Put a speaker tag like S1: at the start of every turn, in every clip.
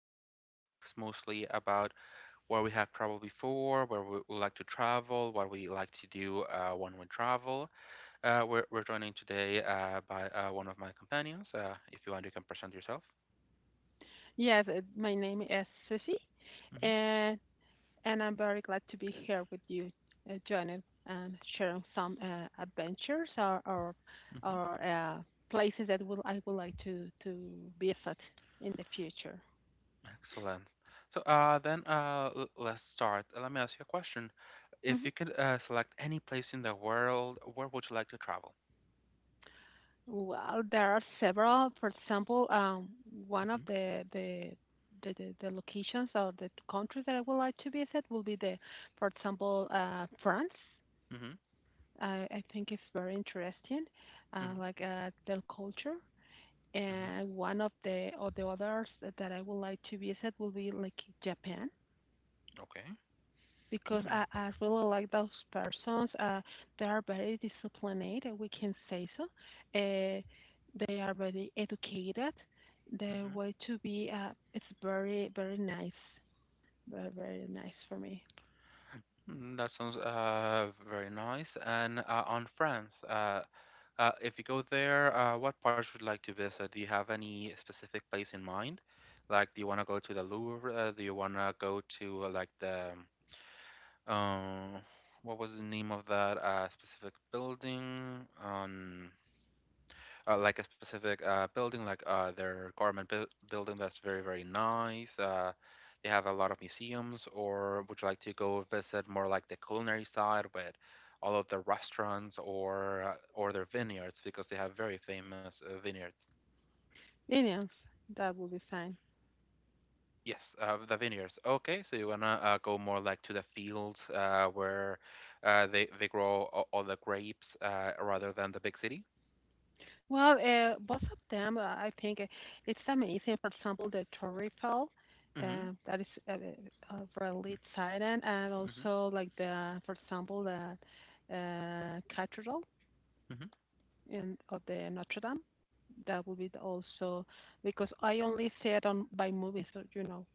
S1: interesting topics, mostly about where we have traveled before, where we would like to travel, what we like to do when we travel. We're joining today by one of my companions. If you want, you can present yourself.
S2: Yes, my name is Sissy,
S1: Hmm
S2: and and I'm very glad to be here with you, Janet, and sharing some adventures or or,
S1: hmm
S2: or uh, places that will I would like to visit in the future.
S1: Excellent. So then let's start. Let me ask you a question. If you
S2: Hmm.
S1: could select any place in the world, where would you like to travel?
S2: Well, there are several. For example, one
S1: Hmm
S2: of the locations or the countries that I would like to visit will be the, for example, France.
S1: hmm
S2: I think it's very interesting, uh,
S1: hmm
S2: like uh, their culture.
S1: hmm
S2: And one of the or the others that I would like to visit will be like Japan
S1: Okay.
S2: because
S1: Mm.
S2: I really like those persons. They are very disciplined, we can say so. Uh, they are very educated. Their
S1: Mhm.
S2: way to be it's very very nice for me.
S1: Mm, that sounds very nice. And on France, if you go there, what parts would you like to visit? Do you have any specific place in mind? Like, do you want to go to the Louvre? Do you want to go to like the um, what was the name of that specific building on? Like a specific building, like their government building that's very, very nice. They have a lot of museums, or would you like to go visit more like the culinary side with all of the restaurants or their vineyards because they have very famous vineyards.
S2: Minions, that will be fine.
S1: Yes, the vineyards. Okay, so you wanna go more like to the fields where they grow all the grapes rather than the big city.
S2: Well, both of them, I think it's amazing. For example, the Torrefell,
S1: Mm-hmm.
S2: that is really exciting, and
S1: Mm-hmm.
S2: also like the, for example, the Cathedral
S1: Mm-hmm.
S2: in of the Notre Dame. That would be the also because I only see it on by movies, so.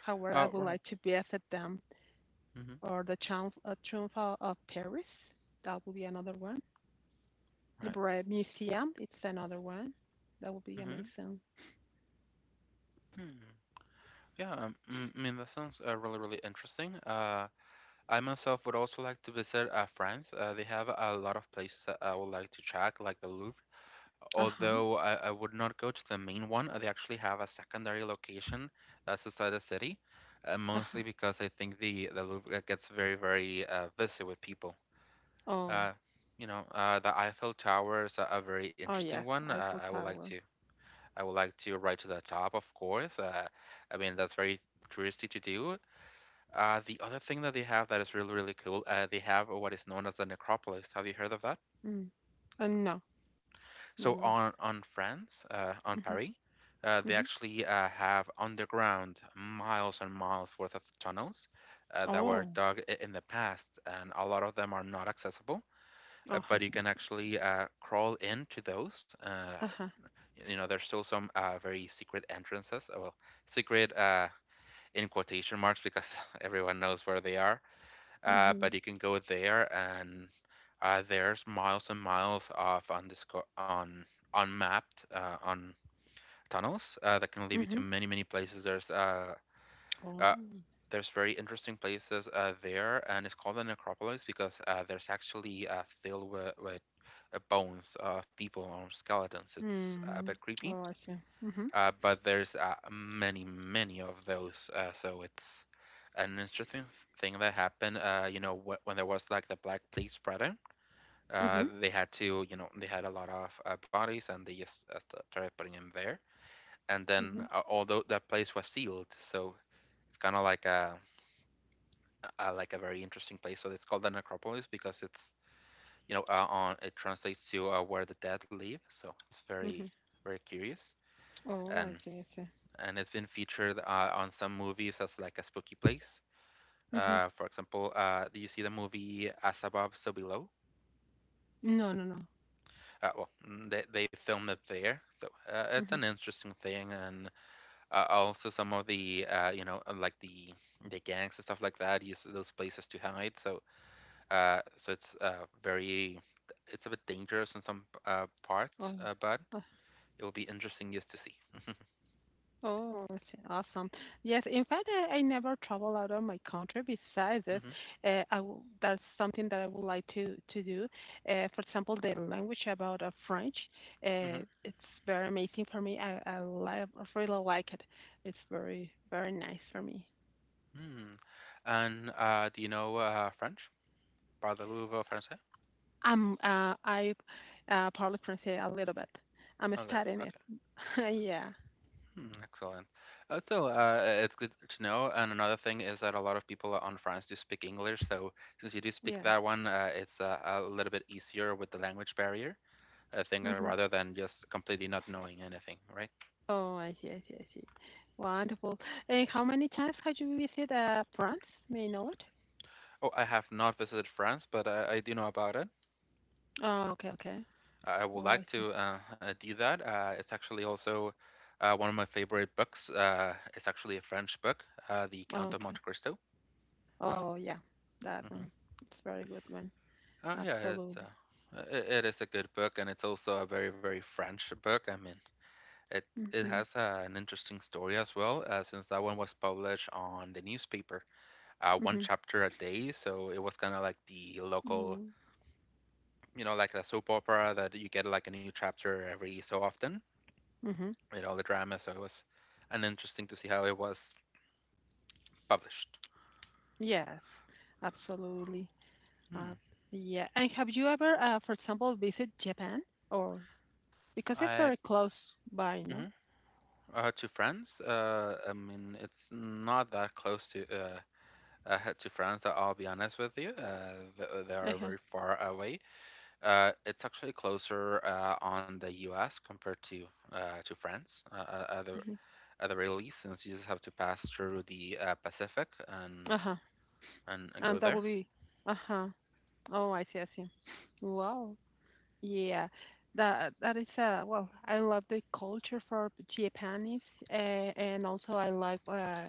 S2: However, I would
S1: Right.
S2: like to be at them
S1: Mm-hmm.
S2: or the Triumph of Paris. That would be another one.
S1: Right.
S2: Louvre Museum, it's another one. That would be
S1: Mm-hmm.
S2: amazing.
S1: Hmm. Yeah, I mean that sounds really, really interesting. I myself would also like to visit France. They have a lot of places that I would like to check, like the Louvre.
S2: Uh huh.
S1: Although I would not go to the main one, they actually have a secondary location that's inside the city,
S2: Uh-huh.
S1: mostly because I think the Louvre gets very, very busy with people.
S2: Oh.
S1: Uh, you know, the Eiffel Tower is a very
S2: Oh,
S1: interesting
S2: yes,
S1: one.
S2: Eiffel Tower.
S1: I would like to ride to the top, of course. I mean that's very touristy to do. The other thing that they have that is really, really cool, they have what is known as the necropolis. Have you heard of that?
S2: Mm. No.
S1: So
S2: No, no.
S1: on France, on
S2: Mhm.
S1: Paris, they
S2: Mhm.
S1: actually have underground miles and miles worth of tunnels that were
S2: Oh.
S1: dug in the past, and a lot of them are not accessible.
S2: Uh-huh.
S1: But you can actually crawl into those.
S2: Uh-huh.
S1: You know, there's still some very secret entrances. Well, secret in quotation marks because everyone knows where they are but
S2: Mhm.
S1: you can go there and there's miles and miles of undisco- on unmapped on tunnels that can lead you to
S2: Mhm.
S1: many many places.
S2: Oh.
S1: Uh, there's very interesting places there, and it's called the necropolis because there's actually filled with bones of people or skeletons. It's a
S2: Mm.
S1: bit creepy
S2: Oh, I see. Mhm.
S1: but there's many, many of those. So it's an interesting thing that happened. You know, when there was like the Black Plague spreading,
S2: Mhm.
S1: they had to, you know, they had a lot of bodies and they just started putting them there. And
S2: Mhm.
S1: then, although that place was sealed, so it's kind of like a like a very interesting place. So it's called the necropolis because it's, you know, on it translates to where the dead live. So it's very,
S2: Mhm.
S1: very curious.
S2: Oh, I
S1: And
S2: see. I see.
S1: it's been featured on some movies as like a spooky place.
S2: Mhm.
S1: For example, do you see the movie As Above, So Below?
S2: No, no, no.
S1: Well, they filmed it there, so it's an
S2: Mhm.
S1: interesting thing. And also some of the you know like the gangs and stuff like that use those places to hide. So so it's very it's a bit dangerous in some parts,
S2: Oh.
S1: but it will be interesting just to see.
S2: Oh, that's awesome. Yes, in fact, I never travel out of my country. Besides this,
S1: hmm
S2: I w that's something that I would like to do. For example, the language about French,
S1: hmm
S2: it's very amazing for me. I really like it. It's very very nice for me.
S1: hmm And do you know French? Parlez-vous français?
S2: I probably pronounce a little bit. I'm
S1: A little.
S2: studying
S1: Okay.
S2: it. Yeah.
S1: Hmm, excellent. So it's good to know. And another thing is that a lot of people on France do speak English. So since you do speak
S2: Yes.
S1: that one, it's a little bit easier with the language barrier thing
S2: Mm-hmm.
S1: rather than just completely not knowing anything, right?
S2: Oh, I see, I see, I see. Wonderful. And how many times had you visited France? May I know it?
S1: Oh, I have not visited France, but I do know about it.
S2: Oh, okay, okay.
S1: I would
S2: Oh, I
S1: like
S2: see.
S1: to do that. It's actually also one of my favorite books. It's actually a French book, The
S2: Oh,
S1: Count of
S2: okay.
S1: Monte Cristo.
S2: Oh, yeah, that
S1: Mm-hmm.
S2: one. It's a very good one.
S1: Oh yeah,
S2: Absolutely.
S1: it is a good book, and it's also a very very French book. I mean, it it
S2: Mhm.
S1: has an interesting story as well, since that one was published on the newspaper, one
S2: Mhm.
S1: chapter a day. So it was kind of like the local,
S2: Mhm.
S1: you know, like a soap opera that you get like a new chapter every so often.
S2: Mhm.
S1: You know, the drama. So it was an interesting to see how it was published.
S2: Yes, absolutely.
S1: Hmm.
S2: Uh, yeah. And have you ever, for example, visit Japan or because it's
S1: I.
S2: very close by, no?
S1: Mhm. To France, I mean, it's not that close to. To France, I'll be honest with you. They are
S2: Uh-huh.
S1: very far away. It's actually closer on the U.S. compared to France at the
S2: Mhm.
S1: very least, since you just have to pass through the Pacific and
S2: Uh-huh. And
S1: go
S2: that will
S1: there.
S2: be. Uh-huh. Oh, I see, I see. Wow. Yeah, that is well, I love the culture for Japanese, and also I like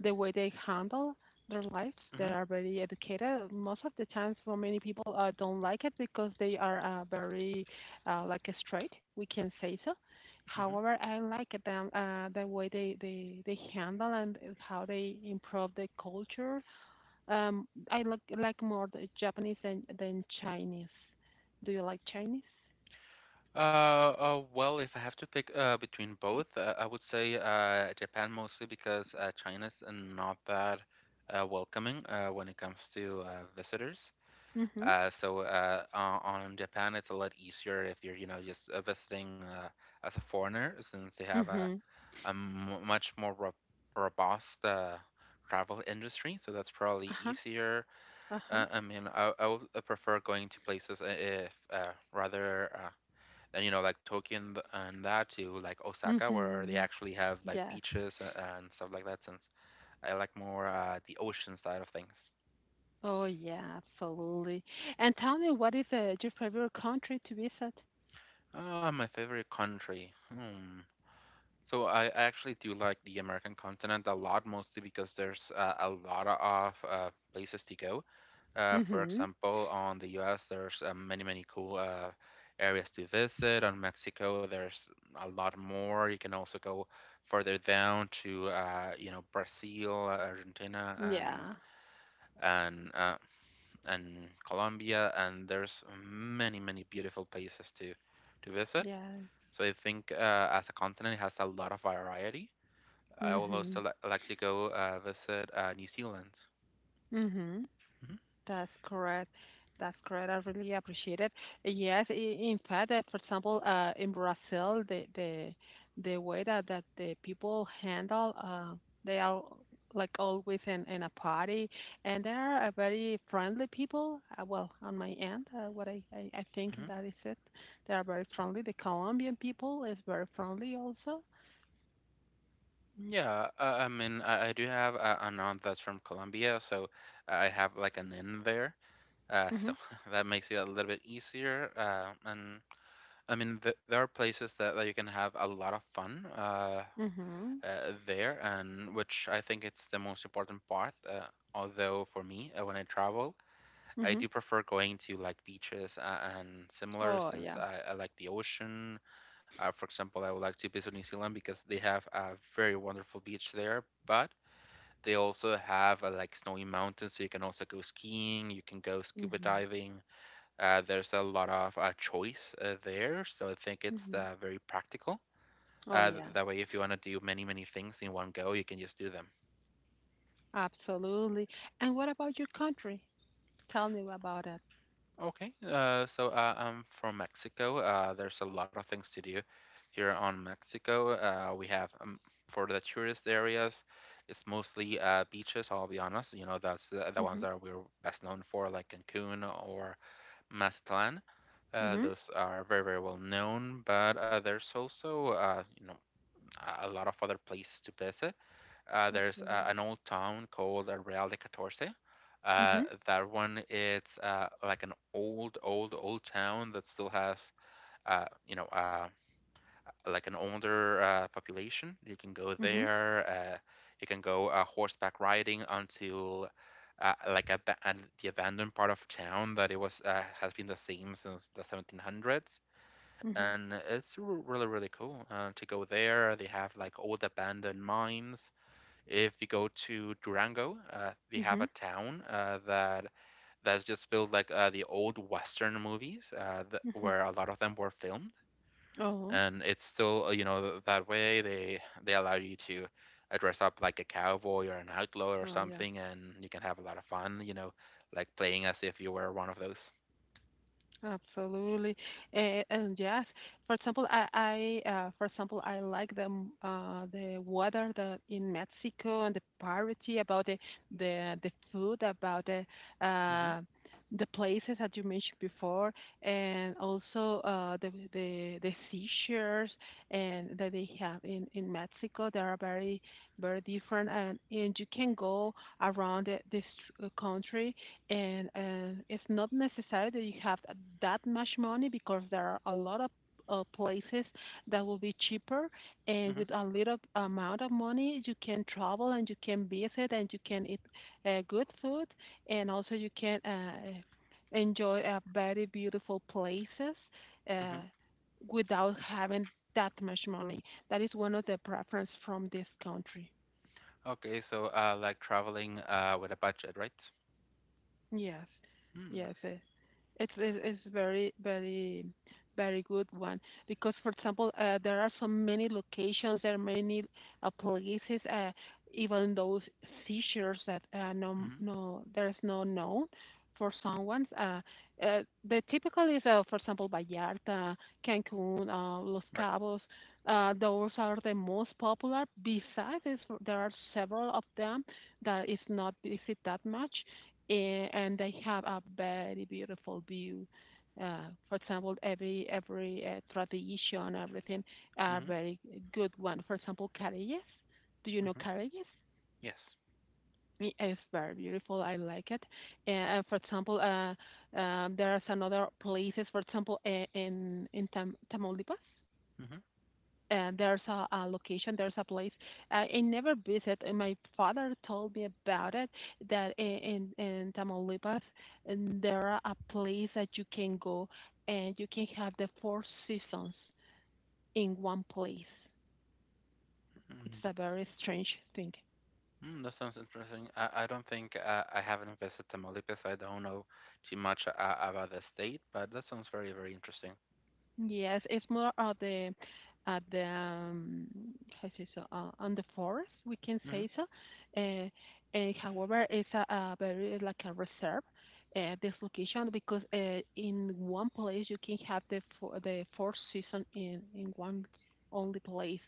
S2: the way they handle their lives. They
S1: Hmm
S2: are very educated. Most of the times, for many people, don't like it because they are very like straight. We can say so.
S1: hmm
S2: However, I like them the way they handle and how they improve the culture. I like more the Japanese than Chinese. Do you like Chinese?
S1: Well, if I have to pick between both, I would say Japan mostly because China's not that welcoming when it comes to visitors.
S2: Mm-hmm.
S1: So on Japan, it's a lot easier if you're, you know, just visiting as a foreigner, since they have
S2: Mm-hmm.
S1: a much more ro robust travel industry. So that's probably
S2: Uh-huh.
S1: easier.
S2: Uh-huh.
S1: I mean, I would prefer going to places I- if rather than, you know, like Tokyo and that to like Osaka, where they
S2: Hmm.
S1: actually have like
S2: Yes.
S1: beaches and stuff like that, since I like more the ocean side of things.
S2: Oh yeah, absolutely. And tell me, what is your favorite country to visit?
S1: Ah, my favorite country. Hmm. So I actually do like the American continent a lot, mostly because there's a lot of places to go. For
S2: Mm-hmm.
S1: example, on the U.S., there's many, many cool areas to visit. On Mexico, there's a lot more. You can also go further down to you know Brazil, Argentina, and
S2: Yeah.
S1: and uh, and Colombia, and there's many, many beautiful places to visit.
S2: Yes.
S1: So I think as a continent, it has a lot of variety. I would
S2: Mm-hmm.
S1: also like to go visit New Zealand.
S2: Mm-hmm.
S1: Hmm
S2: That's correct. That's correct. I really appreciate it. Yes, in fact, for example, in Brazil, the way that the people handle, they are like always in a party, and they are a very friendly people. Well, on my end, what I think
S1: hmm
S2: that is it. They are very friendly. The Colombian people is very friendly also.
S1: Yeah, I mean, I do have an aunt that's from Colombia, so I have like an in there. So
S2: Mhm.
S1: that makes it a little bit easier. And I mean, th there are places that you can have a lot of fun uh,
S2: Mhm.
S1: there, and which I think it's the most important part. Although for me, when I travel, I
S2: Mhm.
S1: do prefer going to like beaches and similar,
S2: Oh
S1: since
S2: yeah.
S1: I like the ocean. For example, I would like to visit New Zealand because they have a very wonderful beach there, but they also have like snowy mountains, so you can also go skiing, you can go scuba
S2: Mhm.
S1: diving. There's a lot of choice there, so I think it's
S2: Mhm.
S1: very practical.
S2: Oh yeah.
S1: That way, if you want to do many, many things in one go, you can just do them.
S2: Absolutely. And what about your country? Tell me about it.
S1: Okay, so I'm from Mexico. There's a lot of things to do here on Mexico. We have for the tourist areas, it's mostly beaches. I'll be honest, you know, that's the ones
S2: Mhm.
S1: that we're best known for, like Cancun or Mazatlan.
S2: Mhm.
S1: Those are very, very well known. But there's also, you know, a lot of other places to visit. There's an
S2: Absolutely.
S1: old town called Real de Catorce.
S2: Mhm.
S1: That one, it's like an old, old, old town that still has, you know, like an older population. You can go
S2: Mhm.
S1: there. You can go horseback riding until like and the abandoned part of town that it was has been the same since the 1700s.
S2: Mhm.
S1: And it's really, really cool to go there. They have like old abandoned mines if you go to Durango, we have a
S2: Mhm.
S1: town that that's just built like the old Western movies, th
S2: Mhm.
S1: where a lot of them were filmed,
S2: Oh.
S1: and it's still that way. They allow you to dress up like a cowboy or an outlaw or
S2: Oh yeah.
S1: something, and you can have a lot of fun. Like playing as if you were one of those.
S2: Absolutely. And yes, for example, I for example, I like the the weather the in Mexico and the parity about the food, about the
S1: hmm
S2: uh, the places that you mentioned before, and also the seashores and that they have in Mexico. They are very very different, and you can go around this country and it's not necessary that you have that much money because there are a lot of places that will be cheaper and
S1: hmm
S2: with a little amount of money you can travel and you can visit and you can eat good food and also you can enjoy very beautiful places uh,
S1: hmm
S2: without having that much money. That is one of the preference from this country.
S1: Okay, so like traveling with a budget, right?
S2: Yes,
S1: Hmm.
S2: yes. It's it's very very very good one because for example there are so many locations. There are many places, even those seizures that no
S1: hmm
S2: no there's no known for someone, uh, the typical is for example Vallarta, Cancun, Los
S1: Right.
S2: Cabos. Those are the most popular. Besides this, there are several of them that is not visited that much, and they have a very beautiful view. For example, every tradition, everything are
S1: hmm
S2: very good one. For example, Carayes. Do you know
S1: hmm
S2: Carayes?
S1: Yes.
S2: It's very beautiful. I like it. And for example, there's another places. For example, in Tamaulipas, and there's a location, there's a place. I never visit, and my father told me about it that in Tamaulipas, and there are a place that you can go and you can have the four seasons in one place.
S1: hmm
S2: It's a very strange thing.
S1: Mm, that sounds interesting. I don't think I haven't visited Tamaulipas, so I don't know too much about the state, but that sounds very, very interesting.
S2: Yes, it's more of the at the how say so on the forest we can
S1: hmm
S2: say so. Uh, and however, it's a very like a reserve this location because in one place you can have the the four season in one only place.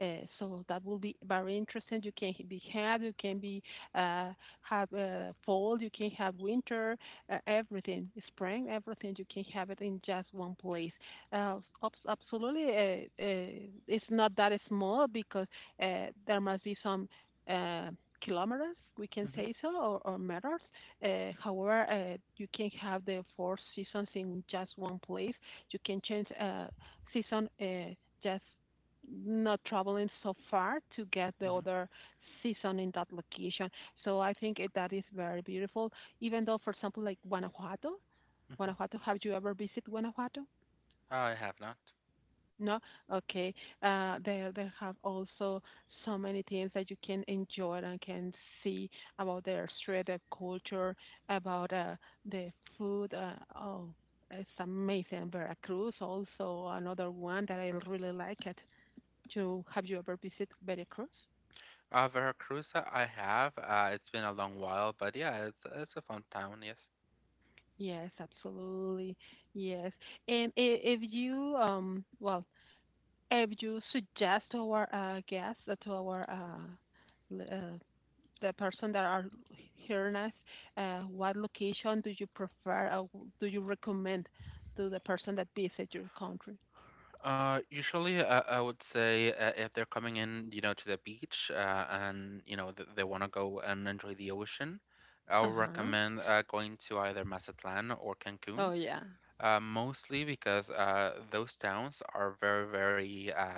S2: So that will be very interesting. You can be had, you can be uh, have fall, you can have winter, everything, spring, everything. You can have it in just one place, uh, absolutely. It's not that small because there must be some uh, kilometers, we can
S1: hmm
S2: say so, or meters. However, you can have the four seasons in just one place. You can change season, just not traveling so far to get the
S1: hmm
S2: other season in that location. So I think it, that is very beautiful. Even though, for example, like Guanajuato.
S1: hmm
S2: Have you ever visited Guanajuato?
S1: I have not.
S2: No, okay. They have also so many things that you can enjoy and can see about their street, their culture, about the food. Oh, it's amazing. Veracruz also another one that I really like it. To have you ever visit Veracruz?
S1: Veracruz, I have. It's been a long while, but yeah, it's a fun town, yes.
S2: Yes, absolutely. Yes, and if you well, if you suggest to our guests, l- uh, the person that are hearing us, what location do you prefer or do you recommend to the person that visit your country?
S1: Usually, I would say if they're coming in, you know, to the beach, and you know th they want to go and enjoy the ocean, I
S2: Uh
S1: would
S2: huh.
S1: recommend going to either Mazatlan or Cancun.
S2: Oh yeah.
S1: Mostly because those towns are very, very uh,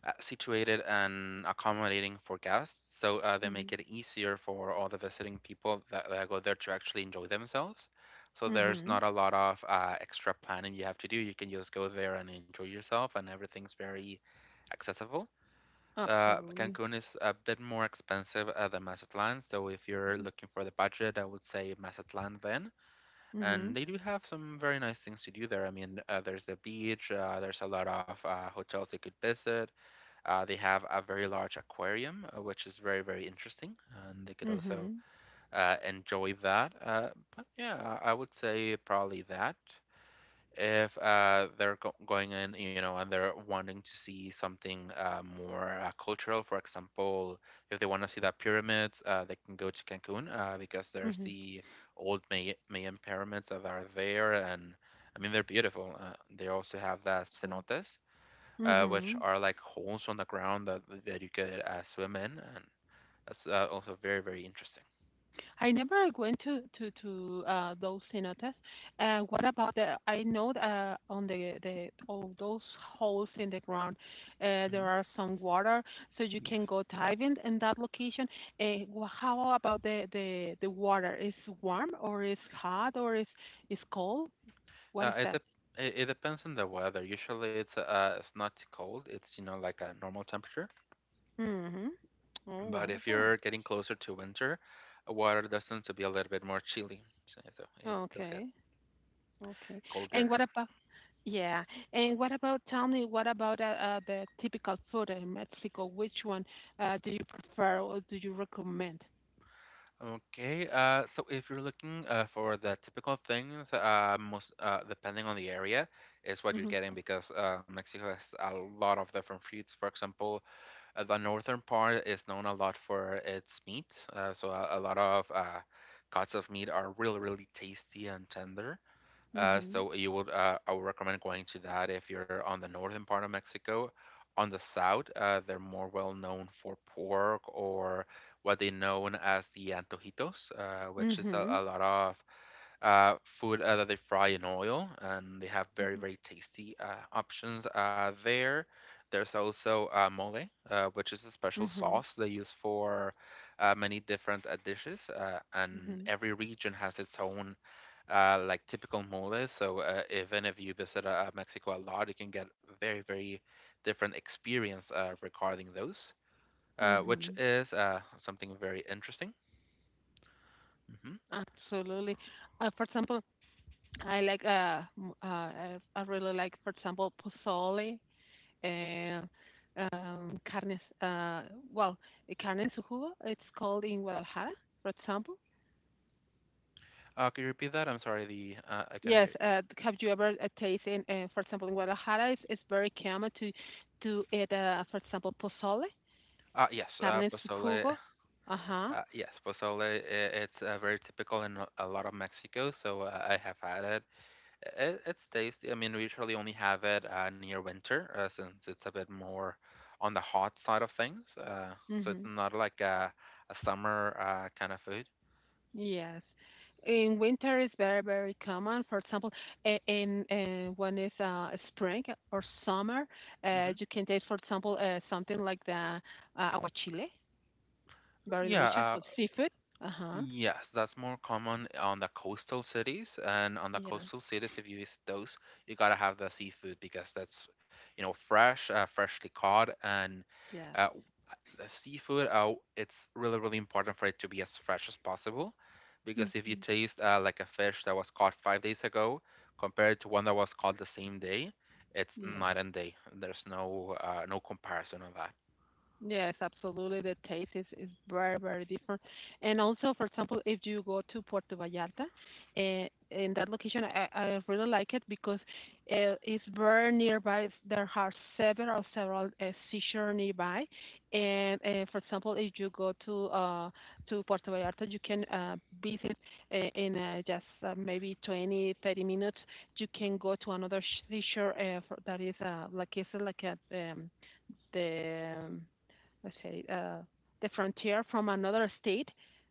S1: uh, situated and accommodating for guests. So they
S2: Mhm.
S1: make it easier for all the visiting people that, that go there to actually enjoy themselves. So there's
S2: Mhm.
S1: not a lot of extra planning you have to do. You can just go there and enjoy yourself, and everything's very accessible.
S2: Absolutely.
S1: Cancun is a bit more expensive than Mazatlan. So if you're
S2: Mhm.
S1: looking for the budget, I would say Mazatlan then. And
S2: Mhm.
S1: they do have some very nice things to do there. I mean, there's a beach, there's a lot of hotels you could visit. They have a very large aquarium, which is very, very interesting, and they could also
S2: Mhm.
S1: enjoy that. But yeah, I would say probably that if they're go going in, you know, and they're wanting to see something more cultural, for example, if they want to see that pyramid, they can go to Cancun because there's
S2: Mhm.
S1: the old Mayan pyramids that are there, and I mean they're beautiful. They also have the
S2: Absolutely.
S1: cenotes, which
S2: Mhm.
S1: are like holes on the ground that that you could swim in, and that's also very very interesting.
S2: I never went to those cenotes. What about the? I know on the those holes in the ground,
S1: hmm
S2: there are some water, so you can
S1: Yes.
S2: go diving in that location. How about the water? Is warm or is hot or is cold? What
S1: Uh,
S2: is
S1: it,
S2: that?
S1: dep it it depends on the weather. Usually it's not too cold. It's you know like a normal temperature.
S2: Mm-hmm. Oh,
S1: But if
S2: wonderful.
S1: you're getting closer to winter, water does tend to be a little bit more chilly. So so it does get
S2: Okay. Okay. And
S1: colder.
S2: what about? Yeah. And what about, tell me, what about the typical food in Mexico? Which one do you prefer or do you recommend?
S1: Okay. So if you're looking for the typical things, most depending on the area, is what you're
S2: Mhm.
S1: getting because Mexico has a lot of different fruits. For example, the northern part is known a lot for its meat. So a lot of cuts of meat are really, really tasty and tender.
S2: Mhm.
S1: I would recommend going to that if you're on the northern part of Mexico. On the south, they're more well known for pork or what they known as the antojitos, which is a,
S2: Mhm.
S1: a lot of food that they fry in oil, and they have very, very tasty options there. There's also mole, which is a special
S2: Mhm. Mhm.
S1: sauce they use for many different dishes, and
S2: Mhm.
S1: every region has its own like typical mole. So even if you visit Mexico a lot, you can get very, very different experience regarding those, which
S2: Mhm.
S1: is something very interesting. hmm
S2: Absolutely. For example, I like I really like, for example, pozole and carnes well, carne en su jugo, it's called in Guadalajara, for example.
S1: Could you repeat that? I'm sorry, the I couldn't
S2: Yes.
S1: hear you.
S2: Have you ever tasted, for example, in Guadalajara, it's very common to eat, for example, pozole,
S1: Yes,
S2: carne en su
S1: pozole.
S2: jugo. Uh huh.
S1: Yes, pozole. It's very typical in a lot of Mexico, so I have had it. Eh, it's tasty. I mean, we usually only have it near winter, since it's a bit more on the hot side of things. So it's
S2: Mhm.
S1: not like a summer kind of food.
S2: Yes. In winter, it's very very common. For example, I- in when it's spring or summer,
S1: hmm
S2: you can taste, for example, something like the aguachile, very
S1: Yeah,
S2: delicious
S1: uh,
S2: with seafood. Uh huh.
S1: Yes, that's more common on the coastal cities. And on the
S2: Yes.
S1: coastal cities, if you visit those, you gotta have the seafood because that's, you know, fresh, freshly caught. And
S2: Yes.
S1: uh, the seafood, it's really, really important for it to be as fresh as possible. Because if you
S2: Mhm.
S1: taste like a fish that was caught 5 days ago compared to one that was caught the same day, it's
S2: Yes.
S1: night and day. There's no no comparison on that.
S2: Yes, absolutely. The taste is very, very different. And also, for example, if you go to Puerto Vallarta, in that location, I really like it because it's very nearby. There are several seashore nearby. And for example, if you go to Puerto Vallarta, you can visit in just maybe 20 to 30 minutes. You can go to another seashore that is like it's like a the let's say the frontier from another state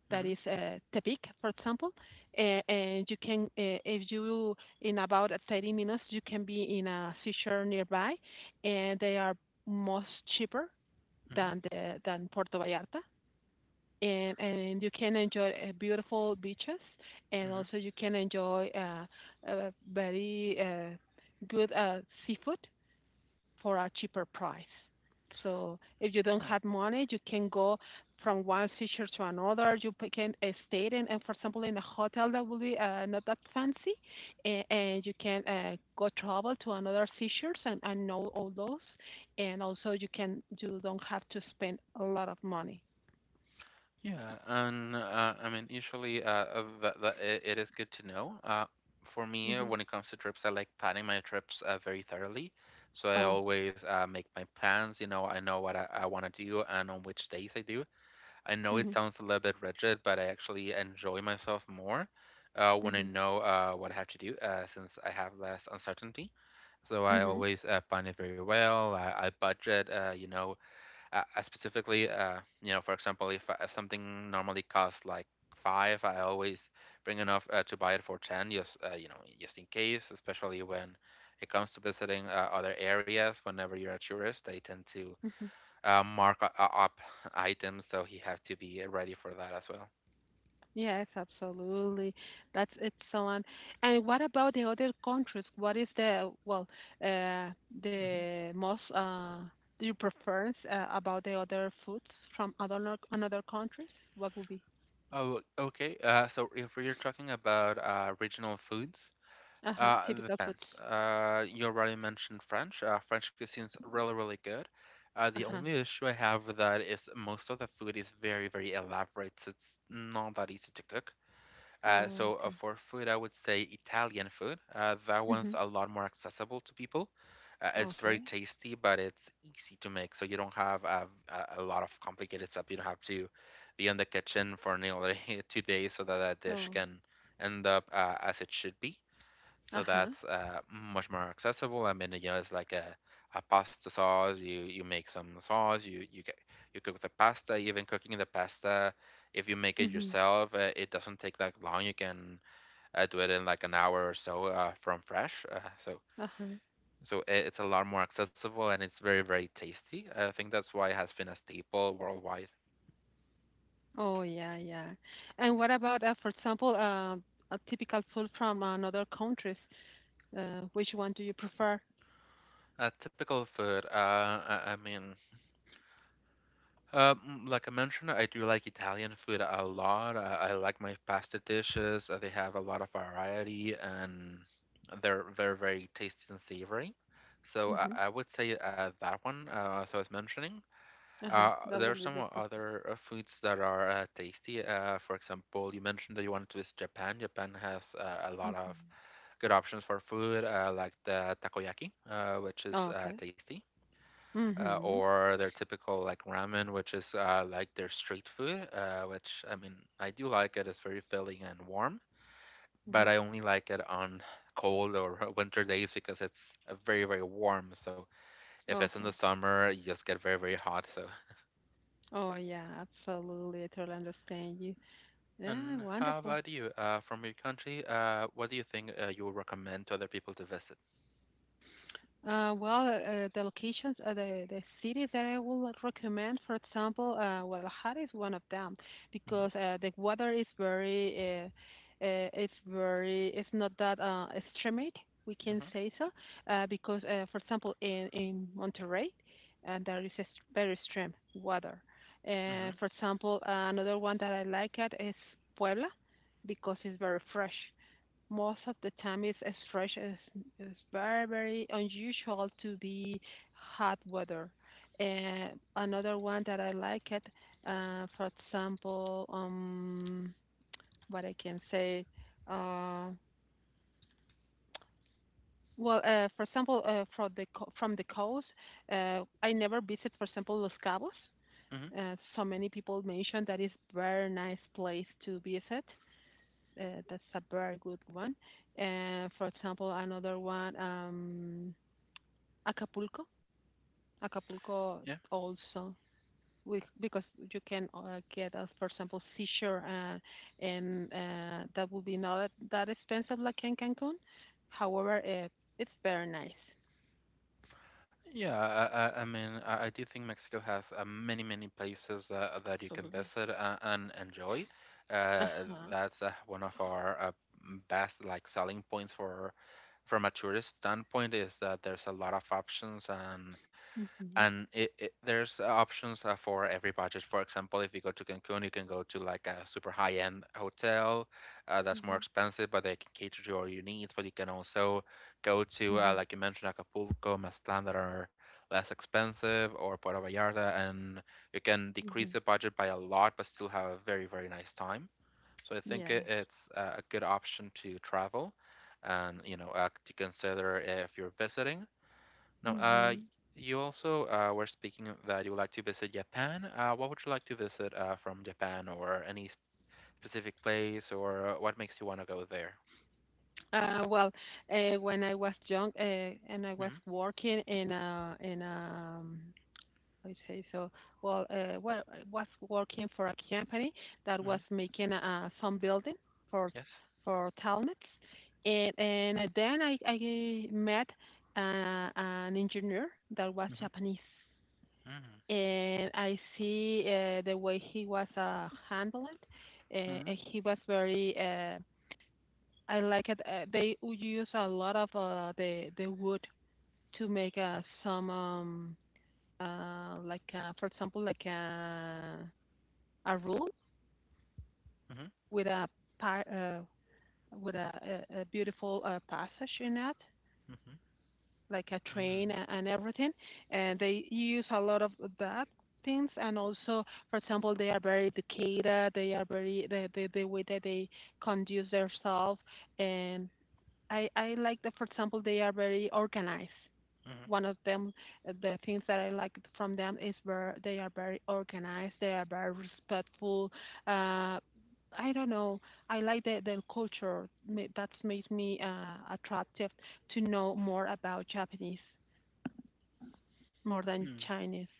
S2: that
S1: hmm
S2: is Tepic, for example, and you can if you in about 30 minutes you can be in a seashore nearby, and they are much cheaper than the than Puerto Vallarta. And you can enjoy beautiful beaches, and
S1: hmm
S2: also you can enjoy very good seafood for a cheaper price. So if you don't
S1: hmm
S2: have money, you can go from one feature to another. You can stay in, and for example, in a hotel that will be not that fancy, and you can go travel to another features and know all those. And also, you don't have to spend a lot of money.
S1: Yeah, and I mean, usually that, it is good to know. For me,
S2: Hmm.
S1: when it comes to trips, I like planning my trips very thoroughly. So I
S2: Oh.
S1: always make my plans. You know, I know what I want to do and on which days I do. I know it
S2: Hmm.
S1: sounds a little bit rigid, but I actually enjoy myself more when I
S2: Hmm.
S1: know what I have to do, since I have less uncertainty. So I always plan it very well. I budget, specifically, you know, for example, if something normally costs like five, I always bring enough to buy it for ten, just you know, just in case. Especially when it comes to visiting other areas, whenever you're a tourist, they tend to
S2: Hmm.
S1: mark up items, so you have to be ready for that as well.
S2: Yes, absolutely. That's excellent. And what about the other countries? What is the, well, uh,
S1: Mhm.
S2: the most, do you preference about the other foods from other another countries? What would be?
S1: Oh, okay. So if we're talking about regional foods.
S2: Uh-huh,
S1: It
S2: typical
S1: depends.
S2: foods.
S1: You already mentioned French. French cuisine's really, really good. The
S2: Uh-huh.
S1: only issue I have with that is most of the food is very, very elaborate, so it's not that easy to cook.
S2: Oh,
S1: So
S2: okay.
S1: for food, I would say Italian food. That one's
S2: Mhm.
S1: a lot more accessible to people. It's very
S2: Okay.
S1: tasty, but it's easy to make, so you don't have a lot of complicated stuff. You don't have to be in the kitchen for nearly 2 days so that that dish
S2: Oh.
S1: can end up as it should be. So
S2: Uh-huh.
S1: that's much more accessible. I mean, you know, it's like a pasta sauce. You make some sauce. You get you cook the pasta. Even cooking the pasta, if you make it
S2: Mhm.
S1: yourself, it doesn't take that long. You can do it in like an hour or so from fresh.
S2: Uh-huh.
S1: It's a lot more accessible and it's very very tasty. I think that's why it has been a staple worldwide.
S2: Oh, yeah, yeah. And what about, for example, a typical food from another countries? Which one do you prefer?
S1: Typical food. I mean. Like I mentioned, I do like Italian food a lot. I like my pasta dishes. They have a lot of variety and they're very, very tasty and savory. So
S2: Mm-hmm.
S1: I would say that one, as I was mentioning.
S2: Uh-huh. That
S1: There are
S2: will be the
S1: some
S2: perfect.
S1: other foods that are tasty. For example, you mentioned that you wanted to visit Japan. Japan has a lot
S2: Prefer.
S1: of
S2: Mhm.
S1: good options for food, like the takoyaki, which is
S2: Okay.
S1: tasty
S2: Mhm.
S1: or their typical like ramen, which is like their street food, which I mean I do like it. It's very filling and warm, but
S2: Mhm.
S1: I only like it on cold or winter days because it's very very warm. So if it's in the
S2: Okay.
S1: summer, you just get very very hot. So
S2: Oh, yeah, absolutely. I totally understand you. Yeah,
S1: and how
S2: wonderful.
S1: about you? From your country, what do you think you would recommend to other people to visit?
S2: Well, the locations, the cities that I would recommend, for example, Guadalajara is one of them because the weather is very, it's not that extremate, we can
S1: Mm-hmm.
S2: say so, because for example, in Monterrey, there is very extreme weather.
S1: Mm-hmm. Mm-hmm.
S2: For example, another one that I like it is Puebla because it's very fresh most of the time. It's a stretch is It's very very unusual to be hot weather. And another one that I like it, for example, what I can say uh well, for example, from from the coast, I never visit, for example, Los Cabos. So many people mention that is very nice place to visit. That's a very good one. And for example, another one, Acapulco. Acapulco
S1: mm
S2: also, because you can get, for example, seashore, and that would be not that expensive like in Cancun. However, it's very nice.
S1: Yeah, I mean, I do think Mexico has many, many places that, that you can
S2: Absolutely.
S1: visit and enjoy.
S2: Uh
S1: Uh,
S2: huh.
S1: that's one of our best like selling points for from a tourist standpoint is that there's a lot of options and
S2: Mhm.
S1: and it, it, there's options for every budget. For example, if you go to Cancun, you can go to like a super high-end hotel that's more
S2: Mhm.
S1: expensive, but they can cater to all your needs. But you can also go to,
S2: Mhm.
S1: like you mentioned, Acapulco, Mazatlan that are less expensive, or Puerto Vallarta, and you can decrease
S2: Mhm.
S1: the budget by a lot, but still have a very, very nice time. So I think
S2: Yes.
S1: it's a good option to travel and you know to consider if you're visiting now,
S2: Mhm.
S1: you also were speaking of that you would like to visit Japan. What would you like to visit from Japan, or any specific place, or what makes you want to go there?
S2: Well, when I was young, and I was
S1: Mm-hmm.
S2: working in a, I say so. Well, I was working for a company that
S1: Mm-hmm.
S2: was making some building for
S1: Yes.
S2: helmets, and then I met an engineer that was
S1: Mm-hmm.
S2: Japanese,
S1: Mm-hmm.
S2: and I see the way he was handling, uh,
S1: Mm-hmm.
S2: and he was very. I like it. They use a lot of the wood to make some like for example like a room with pa- uh, with a beautiful passage in it,
S1: Mm-hmm.
S2: like a train
S1: Mm-hmm.
S2: and everything. And they use a lot of that things. And also for example they are very educated. They are very, the way that they conduct themselves. And I like that, for example, they are very organized. One of them, the things that I like from them is where they are very organized. They are very respectful. uh I don't know. I like the culture. That's made me attractive to know more about Japanese more than
S1: Mm-hmm.
S2: Chinese.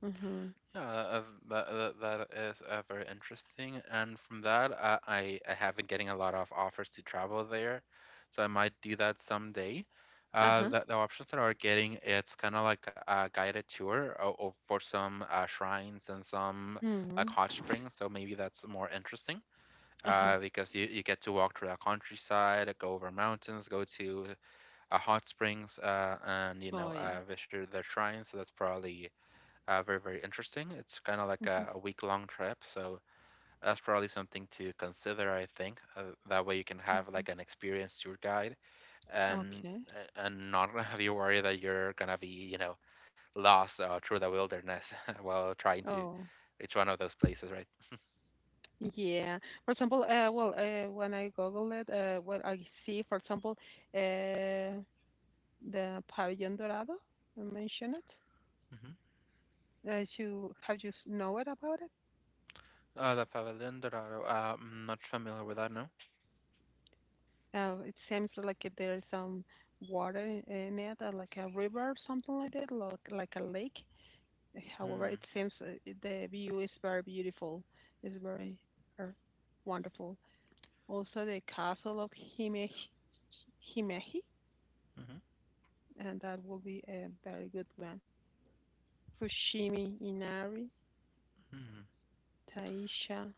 S2: Mhm.
S1: Yeah, that, that that is very interesting. And from that, I have been getting a lot of offers to travel there, so I might do that someday.
S2: Uh huh.
S1: The options that are getting, it's kind of like a guided tour for some shrines and some like
S2: Mhm.
S1: hot springs. So maybe that's more interesting.
S2: Uh huh.
S1: Because you get to walk through the countryside, go over mountains, go to hot springs, uh, and you know
S2: Oh yeah.
S1: uh, visit the shrines. So that's probably. Very, very interesting. It's kind of like
S2: Mhm.
S1: a week-long trip, so that's probably something to consider, I think. That way you can have
S2: Mhm.
S1: like an experienced tour guide and
S2: Okay.
S1: and not have you worry that you're gonna be, lost through the wilderness while trying to
S2: Oh
S1: reach one of those places, right?
S2: yeah. For example, well, when I Google it, what I see, for example, uh, the Pavilion Dorado, you mentioned it.
S1: Hmm.
S2: Have you know it about it?
S1: The Pavilion Dorado. I'm not familiar with that, no.
S2: It seems like there's some water in it, like a river or something like that, like a lake. However,
S1: Hmm.
S2: it seems the view is very beautiful. It's very uh, wonderful. Also, the castle of Himeji, Himeji,
S1: Hmm.
S2: and that will be a very good one. Fushimi Inari,
S1: Hmm.
S2: Taisha.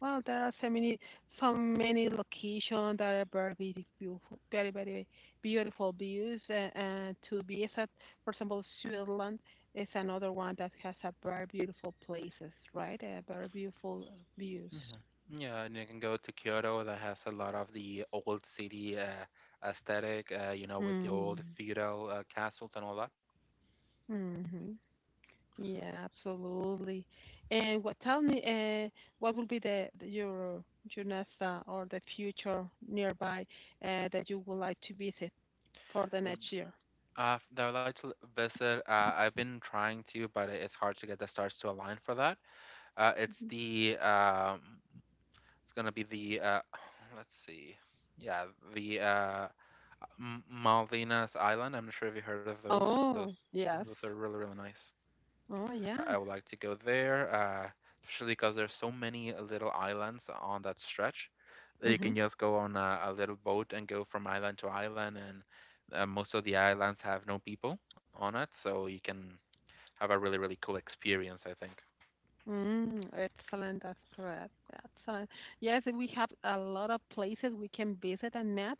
S2: Well, there are so many locations that are very beautiful, very, very beautiful views. To be exact, for example, Switzerland is another one that has a very beautiful places, right? Very beautiful views.
S1: Mhm. Yeah, and you can go to Kyoto that has a lot of the old city aesthetic, with the old
S2: Mm,
S1: feudal castles and all that.
S2: mm-hmm. Yeah, absolutely. And tell me, what will be your next, or the future nearby, that you would like to visit for the
S1: Uh,
S2: next year?
S1: that I would like to visit, I've been trying to, but it's hard to get the stars to align for that. It's it's gonna be let's see, yeah, the M Malvinas Island. I'm not sure if you heard of those.
S2: Oh,
S1: Those
S2: yes.
S1: are really, really nice.
S2: Oh, yeah.
S1: I would like to go there, especially because there's so many little islands on that stretch that you can
S2: Mhm.
S1: just go on a little boat and go from island to island, and most of the islands have no people on it, so you can have a really, really cool experience, I think.
S2: Mm, excellent. That's correct. Excellent. Yes, we have a lot of places we can visit and met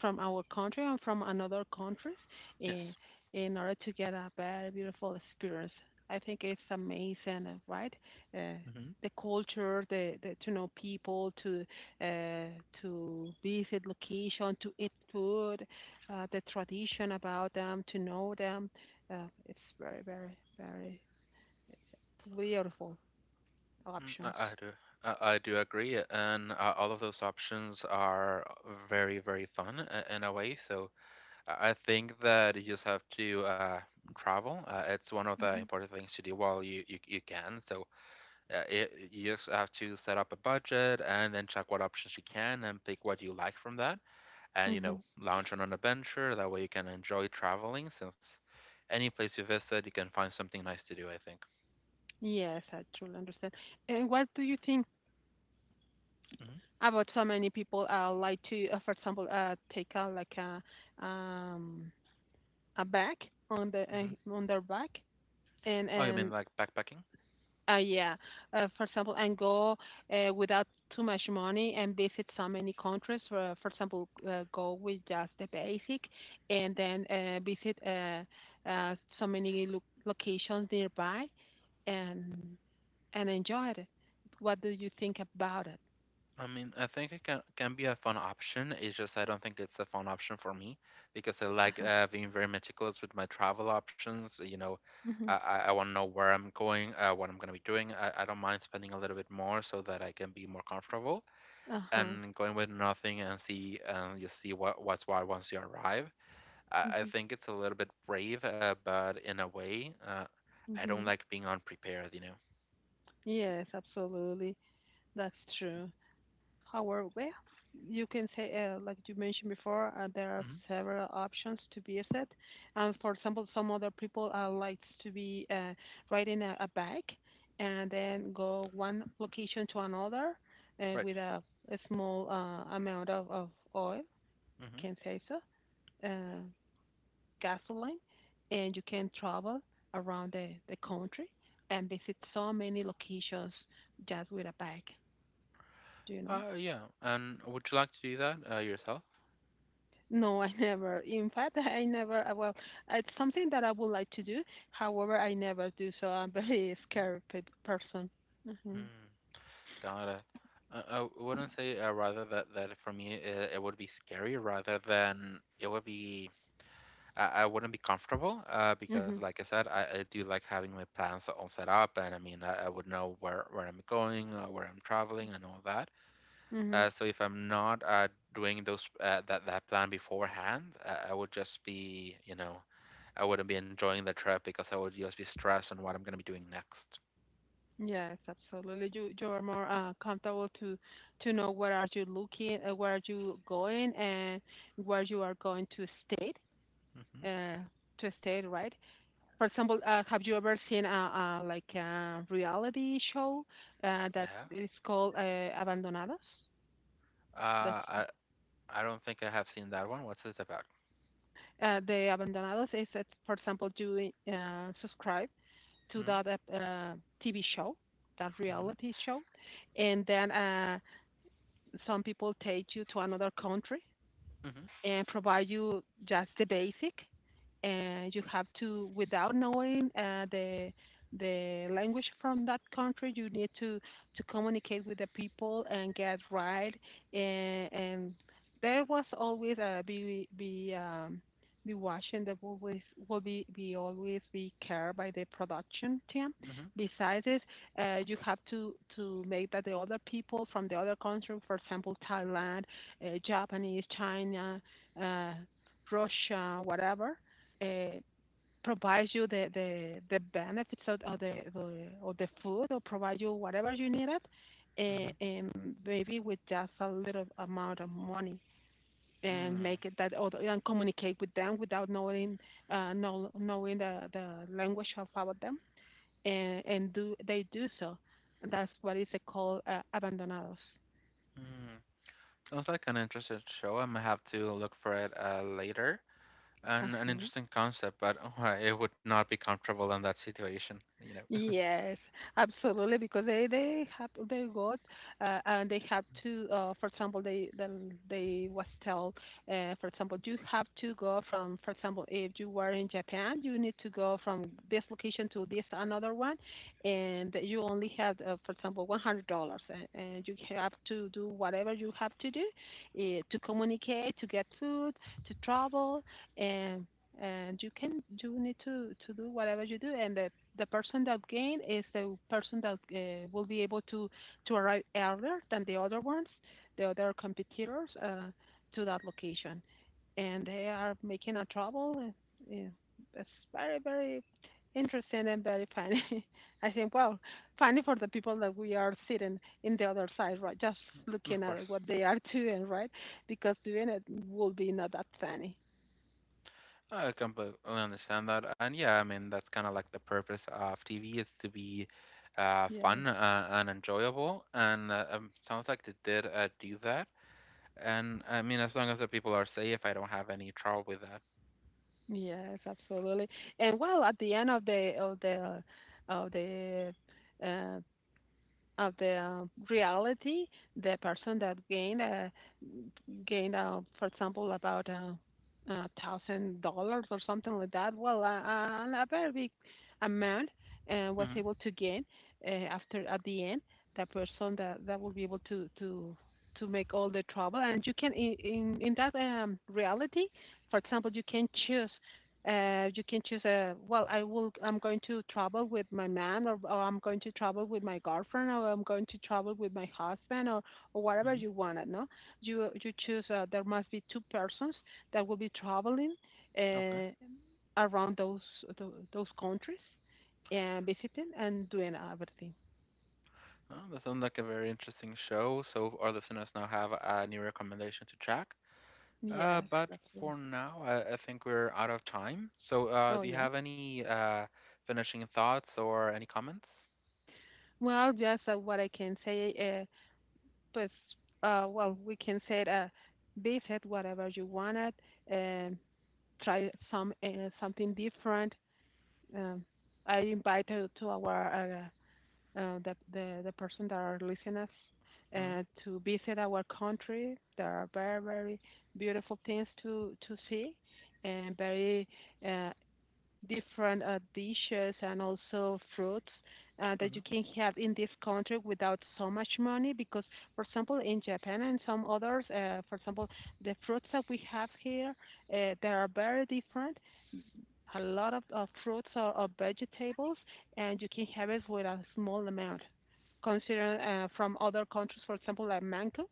S2: from our country and from another countries in,
S1: Yes.
S2: in order to get a very beautiful experience. I think it's amazing, right? Uh,
S1: Hmm.
S2: the culture, the to know people, uh, to visit location, to eat food, the tradition about them, to know them. It's very, very, very beautiful.
S1: Mm, I,
S2: Options.
S1: I do. I do agree, and all of those options are very, very fun in a way. So I think that you just have to travel. It's one of the
S2: Mhm.
S1: important things to do while you can. So you just have to set up a budget and then check what options you can and pick what you like from that. And
S2: Mhm.
S1: launch on an adventure. That way you can enjoy traveling since any place you visit, you can find something nice to do, I think.
S2: Yes, I truly understand. And what do you think
S1: Hmm.
S2: about so many people like for example, take out like um a bag on the
S1: Hmm.
S2: on their back and
S1: Oh, you mean
S2: and
S1: like backpacking?
S2: uh, yeah, for example, and go without too much money and visit so many countries. For example, go with just the basic, and then visit so many locations nearby and and enjoyed it. What do you think about it?
S1: I mean, I think it can be a fun option. It's just I don't think it's a fun option for me because I like
S2: Uh-huh.
S1: being very meticulous with my travel options. You know, I
S2: Hmm.
S1: I, I want to know where I'm going, what I'm gonna be doing. I don't mind spending a little bit more so that I can be more comfortable
S2: Uh-huh.
S1: and going with nothing and see and you see what's what once you arrive. I
S2: Hmm.
S1: think it's a little bit brave, but in a way, I don't
S2: Hmm.
S1: like being unprepared. You know.
S2: Yes, absolutely. That's true. However, well, you can say, like you mentioned before, there are
S1: Hmm.
S2: several options to be set. And for example, some other people likes to be riding a bike and then go one location to another,
S1: Right.
S2: with a small amount of oil,
S1: Hmm.
S2: can say so. Uh, gasoline, and you can travel around the country and visit so many locations just with a bag, you know?
S1: Yeah. And would you like to do that yourself?
S2: No, I never. In fact, I never. Well, it's something that I would like to do. However, I never do. So I'm very scared person. Mhm.
S1: Mm, got it. Uh, I wouldn't say rather that for me it would be scary rather than it would be. I wouldn't be comfortable because
S2: Mhm.
S1: like I said I do like having my plans all set up, and I mean I would know where I'm going, where I'm traveling, and all that,
S2: Mhm.
S1: so if I'm not doing those that plan beforehand, I would just be, you know, I wouldn't be enjoying the trip because I would just be stressed on what I'm gonna be doing next.
S2: Yes, absolutely. You are more comfortable to know where are you looking, where are you going, and where you are going to stay.
S1: Hmm.
S2: Uh, to stay, right? For example, have you ever seen a like a reality show that
S1: Yeah.
S2: is called Abandonados? That's
S1: Uh, I, I don't think I have seen that one. What's it about?
S2: the Abandonados is that, for example, you subscribe to
S1: Mm.
S2: that TV show, that
S1: Hmm.
S2: reality show, and then some people take you to another country
S1: Hmm.
S2: and provide you just the basic. And you have to, without knowing the language from that country, you need to communicate with the people and get right. And there was always, be watching, that will always will be always be cared by the production team.
S1: Hmm.
S2: Besides it, you have to make that the other people from the other country, for example Thailand, Japanese, China, uh, Russia, whatever, uh, provides you the benefits of the food, or provide you whatever you needed, and,
S1: Hmm.
S2: and maybe with just a little amount of money, and
S1: Mm.
S2: make it that or and communicate with them without knowing knowing the language of about them and do they do so. That's what is called, abandonados.
S1: Mm. Sounds like an interesting show. I might have to look for it later. An
S2: Uh-huh.
S1: interesting concept, but oh, I it would not be comfortable in that situation, you know.
S2: Yes, absolutely. Because they have, they got, and they have to. For example, they then they was told. For example, you have to go from. For example, if you were in Japan, you need to go from this location to this another one, and you only have, for example, $100, and you have to do whatever you have to do, to communicate, to get food, to travel, and and you need to do whatever you do. And the person that gain is the person that will be able to arrive earlier than the other ones, the other competitors, to that location, and they are making a trouble. Yeah, it's very very interesting and very funny. I think, well, funny for the people that we are sitting in the other side, right? Just looking
S1: Of
S2: at
S1: course.
S2: what they are doing, right? Because doing it will be not that funny.
S1: I completely understand that. And yeah, I mean, that's kind of like the purpose of TV is to be
S2: Yes.
S1: fun and enjoyable. And sounds like they did do that. And I mean, as long as the people are safe, I don't have any trouble with that.
S2: Yes, absolutely. And well, at the end of the of the of the uh, of the reality, the person that gained, for example, about $1,000 or something like that. Well, a very big amount was
S1: Mm-hmm.
S2: able to gain, after at the end. That person that will be able to make all the trouble, and you can, in that reality, for example, you can choose, you can choose a well. I will. I'm going to travel with my man, or I'm going to travel with my girlfriend, or I'm going to travel with my husband, or whatever
S1: Mm-hmm.
S2: you want. No, you choose. There must be two persons that will be traveling,
S1: Okay.
S2: uh, around those countries and visiting and doing everything.
S1: Oh, that sounds like a very interesting show. So our listeners now have a new recommendation to check.
S2: Yes,
S1: But
S2: absolutely.
S1: for now, I think we're out of time. So
S2: Oh
S1: do you
S2: yeah.
S1: have any finishing thoughts or any comments?
S2: Well, just what I can say, but well, we can say, visit whatever you wanted. Um, try something different. Um, I invite, to our, the person that are listeners,
S1: Mm-hmm.
S2: to visit our country. There are very very beautiful things to see, and very uh, different dishes and also fruits that
S1: Mm-hmm.
S2: you can have in this country without so much money, because for example in Japan and some others, for example the fruits that we have here, they are very different. A lot of fruits or vegetables, and you can have it with a small amount. Considering, from other countries, for example, like mango,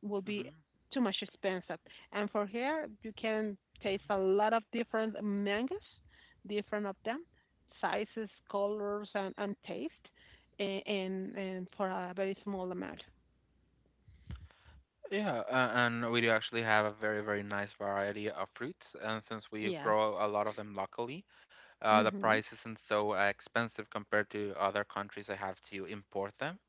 S2: will be
S1: Mm-hmm.
S2: too much expensive. And for here, you can taste a lot of different mangoes, different of them, sizes, colors, and taste, and for a very small amount.
S1: Yeah, and we do actually have a very, very nice variety of fruits. And since we
S2: Yes.
S1: grow a lot of them locally, the
S2: Mm-hmm.
S1: price isn't so expensive compared to other countries that have to import them.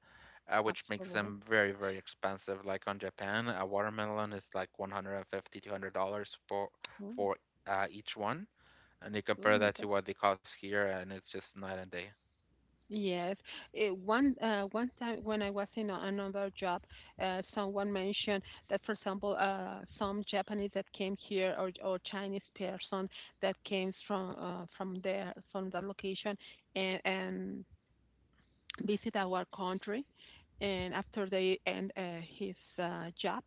S1: Which makes
S2: Absolutely.
S1: them very, very expensive. Like on Japan, a watermelon is like $150, $200 for
S2: Oh,
S1: for uh, each one, and you
S2: oh
S1: compare
S2: my
S1: that to
S2: God.
S1: what they cost here, and it's just night and day.
S2: Yes. One time when I was in another job, someone mentioned that, for example, some Japanese that came here or Chinese person that came from, from there, from that location, and visit our country. And after they end, his, job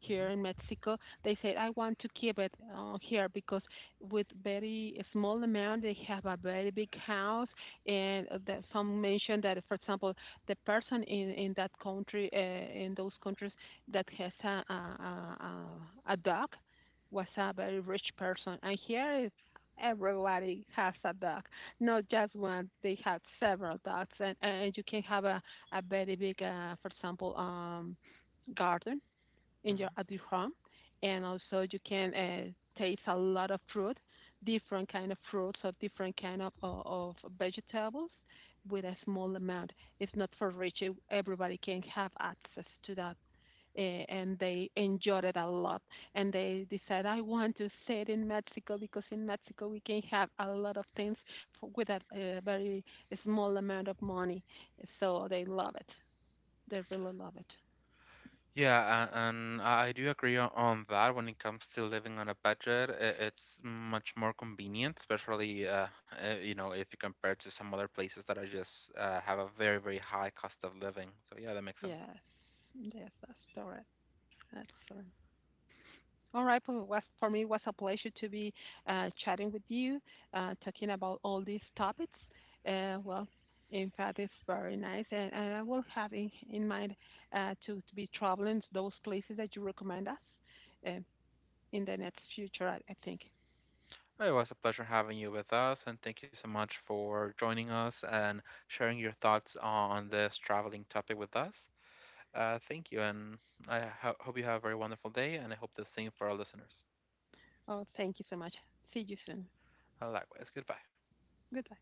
S2: here
S1: Mhm,
S2: in Mexico, they said, I want to keep it here because with very small amount, they have a very big house. And that some mentioned that, for example, the person in that country, in those countries, that has a dog was a very rich person. And here, everybody has a dog, not just one. They have several dogs, and you can have a very big, for example, garden in
S1: mhm.
S2: your at your home. And also you can taste a lot of fruit, different kind of fruits or different kind of vegetables, with a small amount. It's not for rich. Everybody can have access to that. And they enjoyed it a lot. And they decided, I want to stay in Mexico because in Mexico we can have a lot of things with a very small amount of money. So they love it. They really love it.
S1: Yeah, and I do agree on that when it comes to living on a budget. It's much more convenient, especially if you compare to some other places that are just have a very, very high cost of living. So yeah, that makes sense.
S2: Yes, yes, that's correct. Excellent. All right, well, for me, it was a pleasure to be, chatting with you, talking about all these topics. Well, in fact, it's very nice, and I will have in mind, to be traveling to those places that you recommend us, uh, in the next future, I think.
S1: It was a pleasure having you with us, and thank you so much for joining us and sharing your thoughts on this traveling topic with us. Thank you, and I hope you have a very wonderful day, and I hope the same for our listeners.
S2: Oh, thank you so much. See you soon.
S1: Likewise, goodbye.
S2: Goodbye.